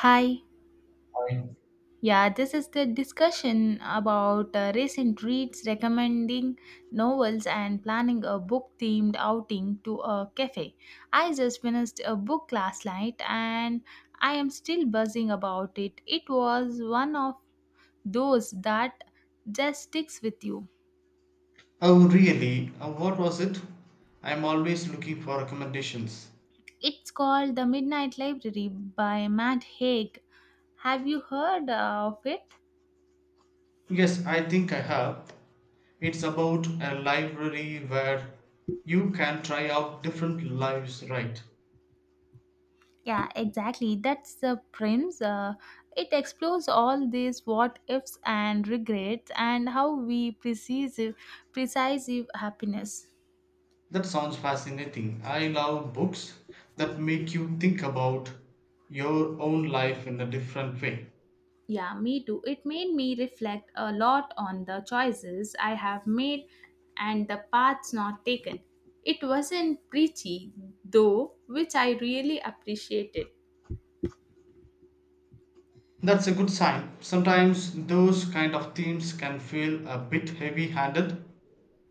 Hi. I- Yeah, this is the discussion about recent reads, recommending novels, and planning a book themed outing to a cafe. I just finished a book last night and I am still buzzing about it. It was one of those that just sticks with you. Oh, really? What was it? I'm always looking for recommendations. It's called The Midnight Library by Matt Haig. Have you heard of it? Yes, I think I have. It's about a library where you can try out different lives, right? Yeah, exactly. That's the premise. It explores all these what ifs and regrets and how we precise happiness. That sounds fascinating. I love books that make you think about your own life in a different way. Yeah, me too. It made me reflect a lot on the choices I have made and the paths not taken. It wasn't preachy though, which I really appreciated. That's a good sign. Sometimes those kind of themes can feel a bit heavy handed.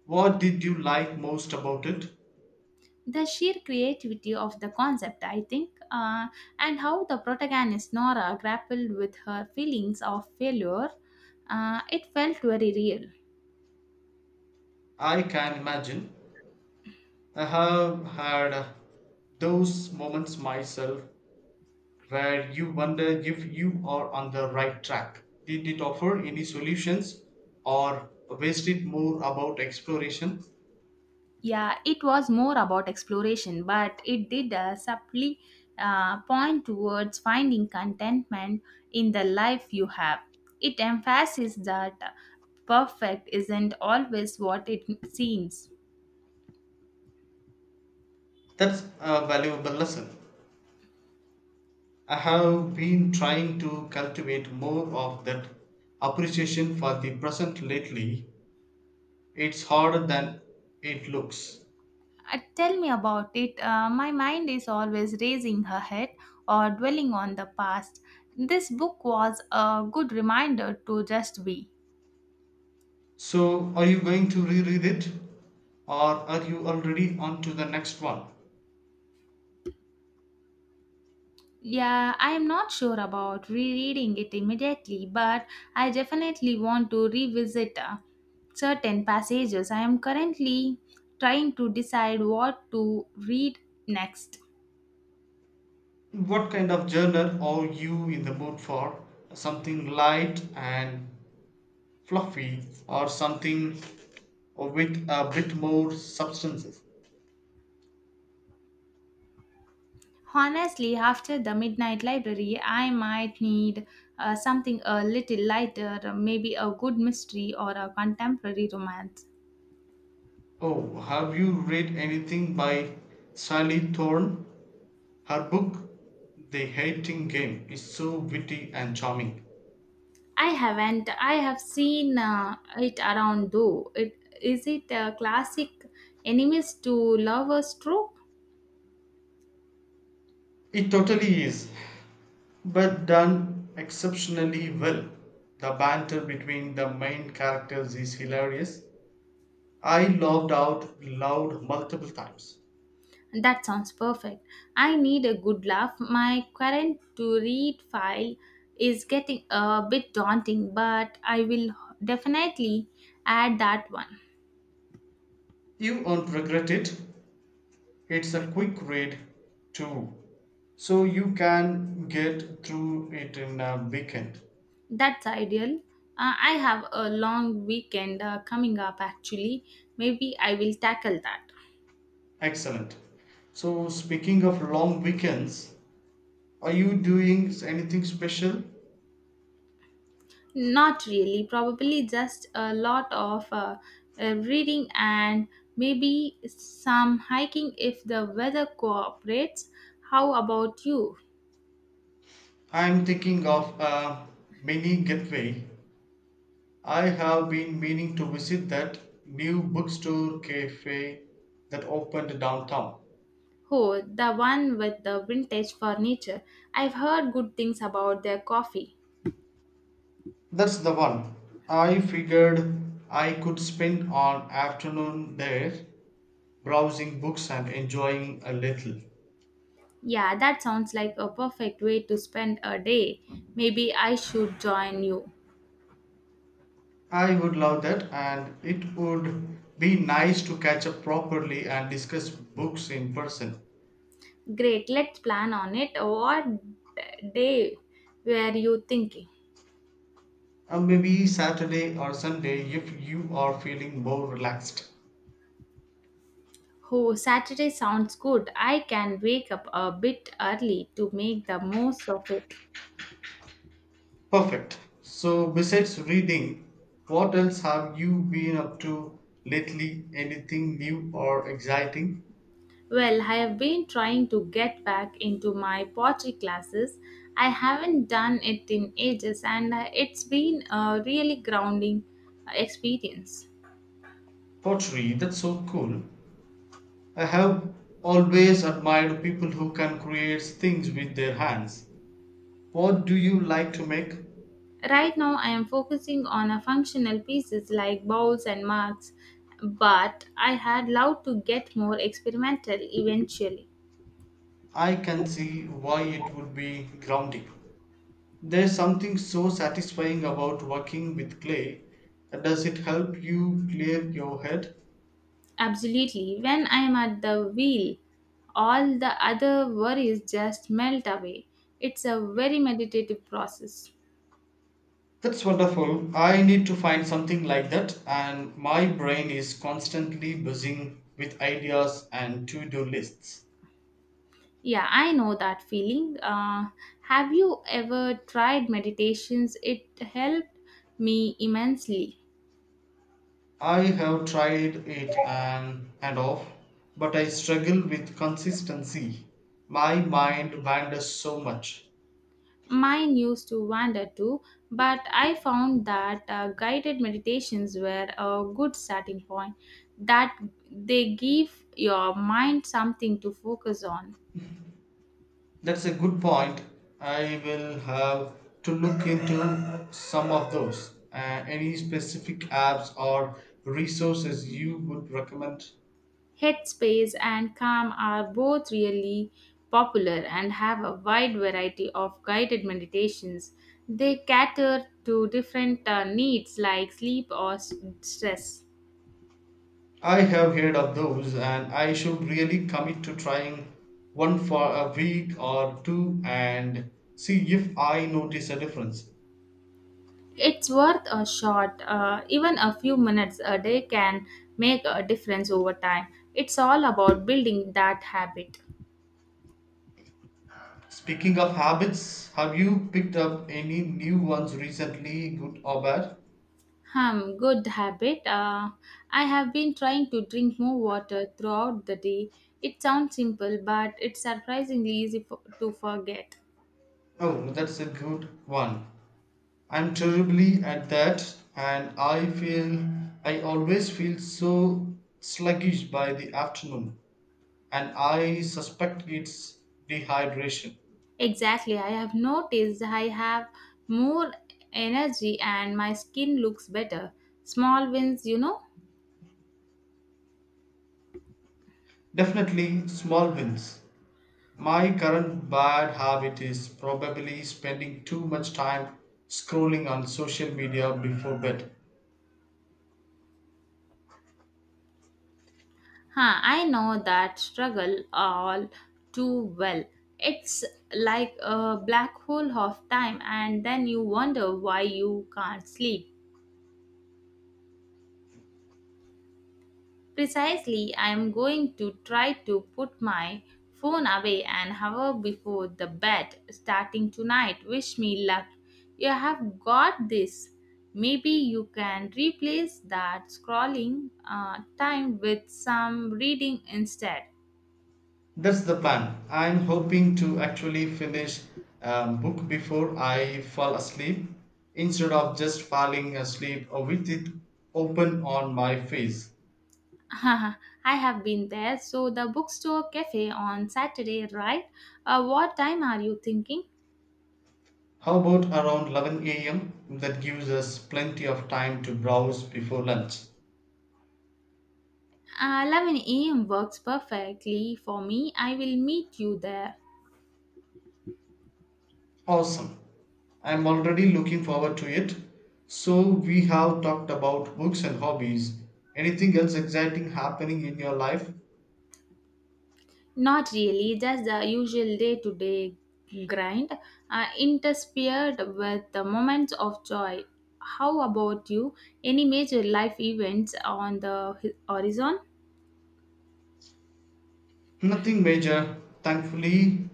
What did you like most about it? The sheer creativity of the concept, I think, and how the protagonist Nora grappled with her feelings of failure, it felt very real. I can imagine. I have had those moments myself where you wonder if you are on the right track. Did it offer any solutions or was it more about exploration? Yeah, it was more about exploration, but it did subtly point towards finding contentment in the life you have. It emphasizes that perfect isn't always what it seems. That's a valuable lesson. I have been trying to cultivate more of that appreciation for the present lately. It's harder than it looks. Tell me about it. My mind is always raising her head or dwelling on the past. This book was a good reminder to just be. So, are you going to reread it? Or are you already on to the next one? Yeah, I am not sure about rereading it immediately, but I definitely want to revisit certain passages. I am currently trying to decide what to read next. What kind of journal are you in the mood for? Something light and fluffy, or something with a bit more substance? Honestly, after the midnight library, I might need something a little lighter, maybe a good mystery or a contemporary romance. Oh, have you read anything by Sally Thorne? Her book, The Hating Game, is so witty and charming. I haven't. I have seen it around though. It is it a classic enemies to lovers trope? It totally is, but done exceptionally well. The banter between the main characters is hilarious. I laughed out loud multiple times. That sounds perfect. I need a good laugh. My current to read file is getting a bit daunting, but I will definitely add that one. You won't regret it. It's a quick read, too, so you can get through it in a weekend. That's ideal. I have a long weekend coming up actually. Maybe I will tackle that. Excellent. So, speaking of long weekends, are you doing anything special? Not really, probably just a lot of reading and maybe some hiking if the weather cooperates. How about you? I'm thinking of a mini getaway. I have been meaning to visit that new bookstore cafe that opened downtown. Oh, the one with the vintage furniture. I've heard good things about their coffee. That's the one. I figured I could spend an afternoon there browsing books and enjoying a little. Yeah, that sounds like a perfect way to spend a day. Maybe I should join you. I would love that, and it would be nice to catch up properly and discuss books in person. Great, let's plan on it. What day were you thinking? Maybe Saturday or Sunday if you are feeling more relaxed. Oh, Saturday sounds good. I can wake up a bit early to make the most of it. Perfect. So, besides reading, what else have you been up to lately? Anything new or exciting? Well, I have been trying to get back into my pottery classes. I haven't done it in ages and it's been a really grounding experience. Pottery, that's so cool. I have always admired people who can create things with their hands. What do you like to make? Right now, I am focusing on a functional pieces like bowls and marks, but I had loved to get more experimental eventually. I can see why it would be grounding. There's something so satisfying about working with clay. Does it help you clear your head? Absolutely, when I am at the wheel, all the other worries just melt away. It's a very meditative process. That's wonderful. I need to find something like that, and my brain is constantly buzzing with ideas and to do lists. Yeah, I know that feeling. Have you ever tried meditations? It helped me immensely. I have tried it and off, but I struggle with consistency. My mind wanders so much. Mine used to wander too, but I found that guided meditations were a good starting point, that they give your mind something to focus on. That's a good point. I will have to look into some of those. Any specific apps or resources you would recommend? Headspace and Calm are both really popular and have a wide variety of guided meditations. They cater to different needs like sleep or stress. I have heard of those, and I should really commit to trying one for a week or two and see if I notice a difference. It's worth a shot. Even a few minutes a day can make a difference over time. It's all about building that habit. Speaking of habits, have you picked up any new ones recently, good or bad? Hmm, good habit. I have been trying to drink more water throughout the day. It sounds simple, but it's surprisingly easy for, to forget. Oh, that's a good one. I'm terribly at that, and I always feel so sluggish by the afternoon, and I suspect it's dehydration. Exactly, I have noticed I have more energy and my skin looks better. Small wins. Definitely small wins. My current bad habit is probably spending too much time scrolling on social media before bed. Huh, I know that struggle all too well. It's like a black hole of time, and then you wonder why you can't sleep. Precisely, I am going to try to put my phone away an hour before the bed starting tonight. Wish me luck. You have got this. Maybe you can replace that scrolling time with some reading instead. That's the plan. I'm hoping to actually finish a book before I fall asleep instead of just falling asleep with it open on my face. Haha, I have been there. So the bookstore cafe on Saturday, right? What time are you thinking? How about around 11 a.m.? That gives us plenty of time to browse before lunch. 11 a.m. works perfectly for me. I will meet you there. Awesome. I'm already looking forward to it. So, we have talked about books and hobbies. Anything else exciting happening in your life? Not really, just the usual day to day grind, interspersed with the moments of joy. How about you? Any major life events on the horizon? Nothing major, thankfully.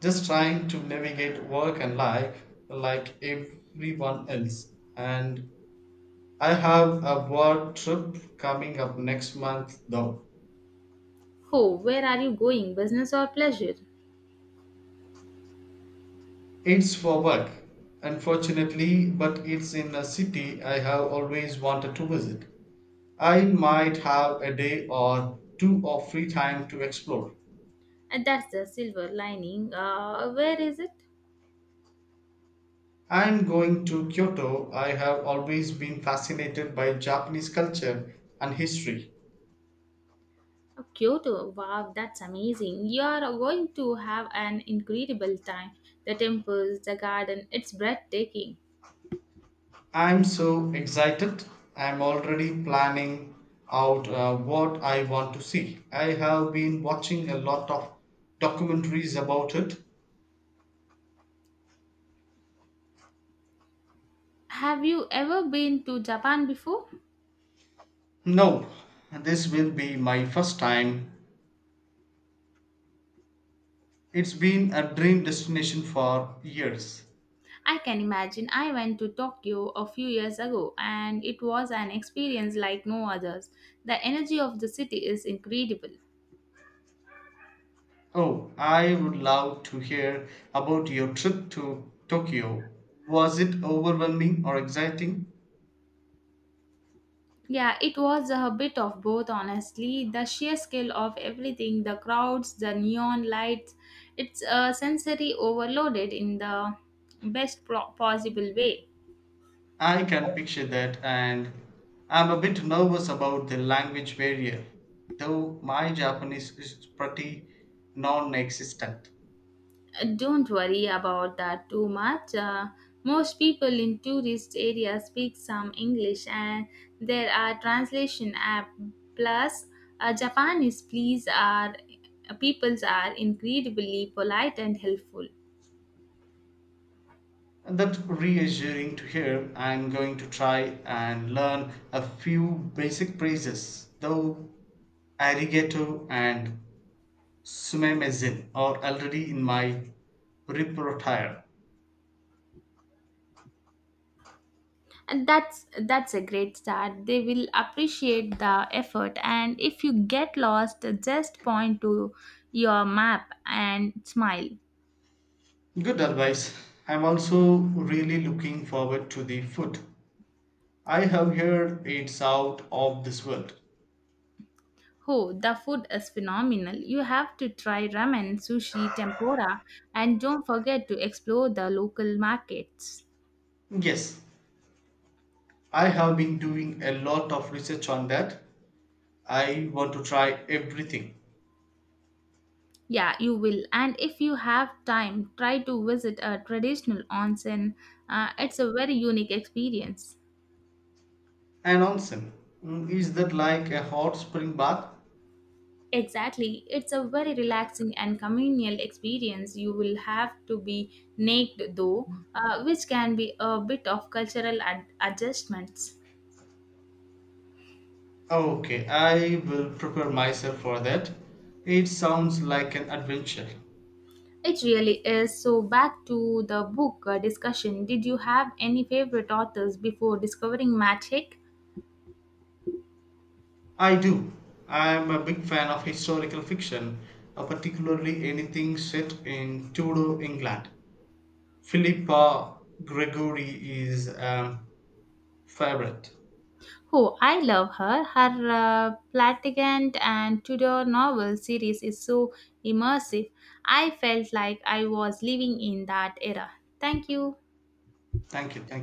Just trying to navigate work and life like everyone else. And I have a work trip coming up next month, though. Oh, where are you going? Business or pleasure? It's for work, unfortunately, but it's in a city I have always wanted to visit. I might have a day or two of free time to explore. And that's the silver lining. Where is it? I'm going to Kyoto. I have always been fascinated by Japanese culture and history. Oh, Kyoto, wow, that's amazing. You are going to have an incredible time. The temples, the garden, it's breathtaking. I'm so excited. I'm already planning out what I want to see. I have been watching a lot of documentaries about it. Have you ever been to Japan before? No, this will be my first time. It's been a dream destination for years. I can imagine. I went to Tokyo a few years ago and it was an experience like no others. The energy of the city is incredible. Oh, I would love to hear about your trip to Tokyo. Was it overwhelming or exciting? Yeah, it was a bit of both, honestly. The sheer scale of everything, the crowds, the neon lights, it's a sensory overloaded in the best possible way. I can picture that, and I'm a bit nervous about the language barrier, though my Japanese is pretty non existent. Don't worry about that too much. Most people in tourist areas speak some English, and there are translation app. Plus, Japanese please are peoples are incredibly polite and helpful. That's reassuring to hear. I'm going to try and learn a few basic phrases, though arigato and Sumamazin or already in my repertoire. And that's a great start. They will appreciate the effort, and if you get lost just point to your map and smile. Good advice. I'm also really looking forward to the food. I have heard it's out of this world. Oh, the food is phenomenal. You have to try ramen, sushi, tempura, and don't forget to explore the local markets. Yes, I have been doing a lot of research on that. I want to try everything. Yeah, you will, and if you have time try to visit a traditional onsen. It's a very unique experience. An onsen. Mm, is that like a hot spring bath? Exactly. It's a very relaxing and communal experience. You will have to be naked though, which can be a bit of cultural adjustments. Okay, I will prepare myself for that. It sounds like an adventure. It really is. So, back to the book discussion. Did you have any favorite authors before discovering Magic? I do. I am a big fan of historical fiction, particularly anything set in Tudor England. Philippa Gregory is a favorite. Oh, I love her. Her Platigant and Tudor novel series is so immersive. I felt like I was living in that era. Thank you. Thank you. Thank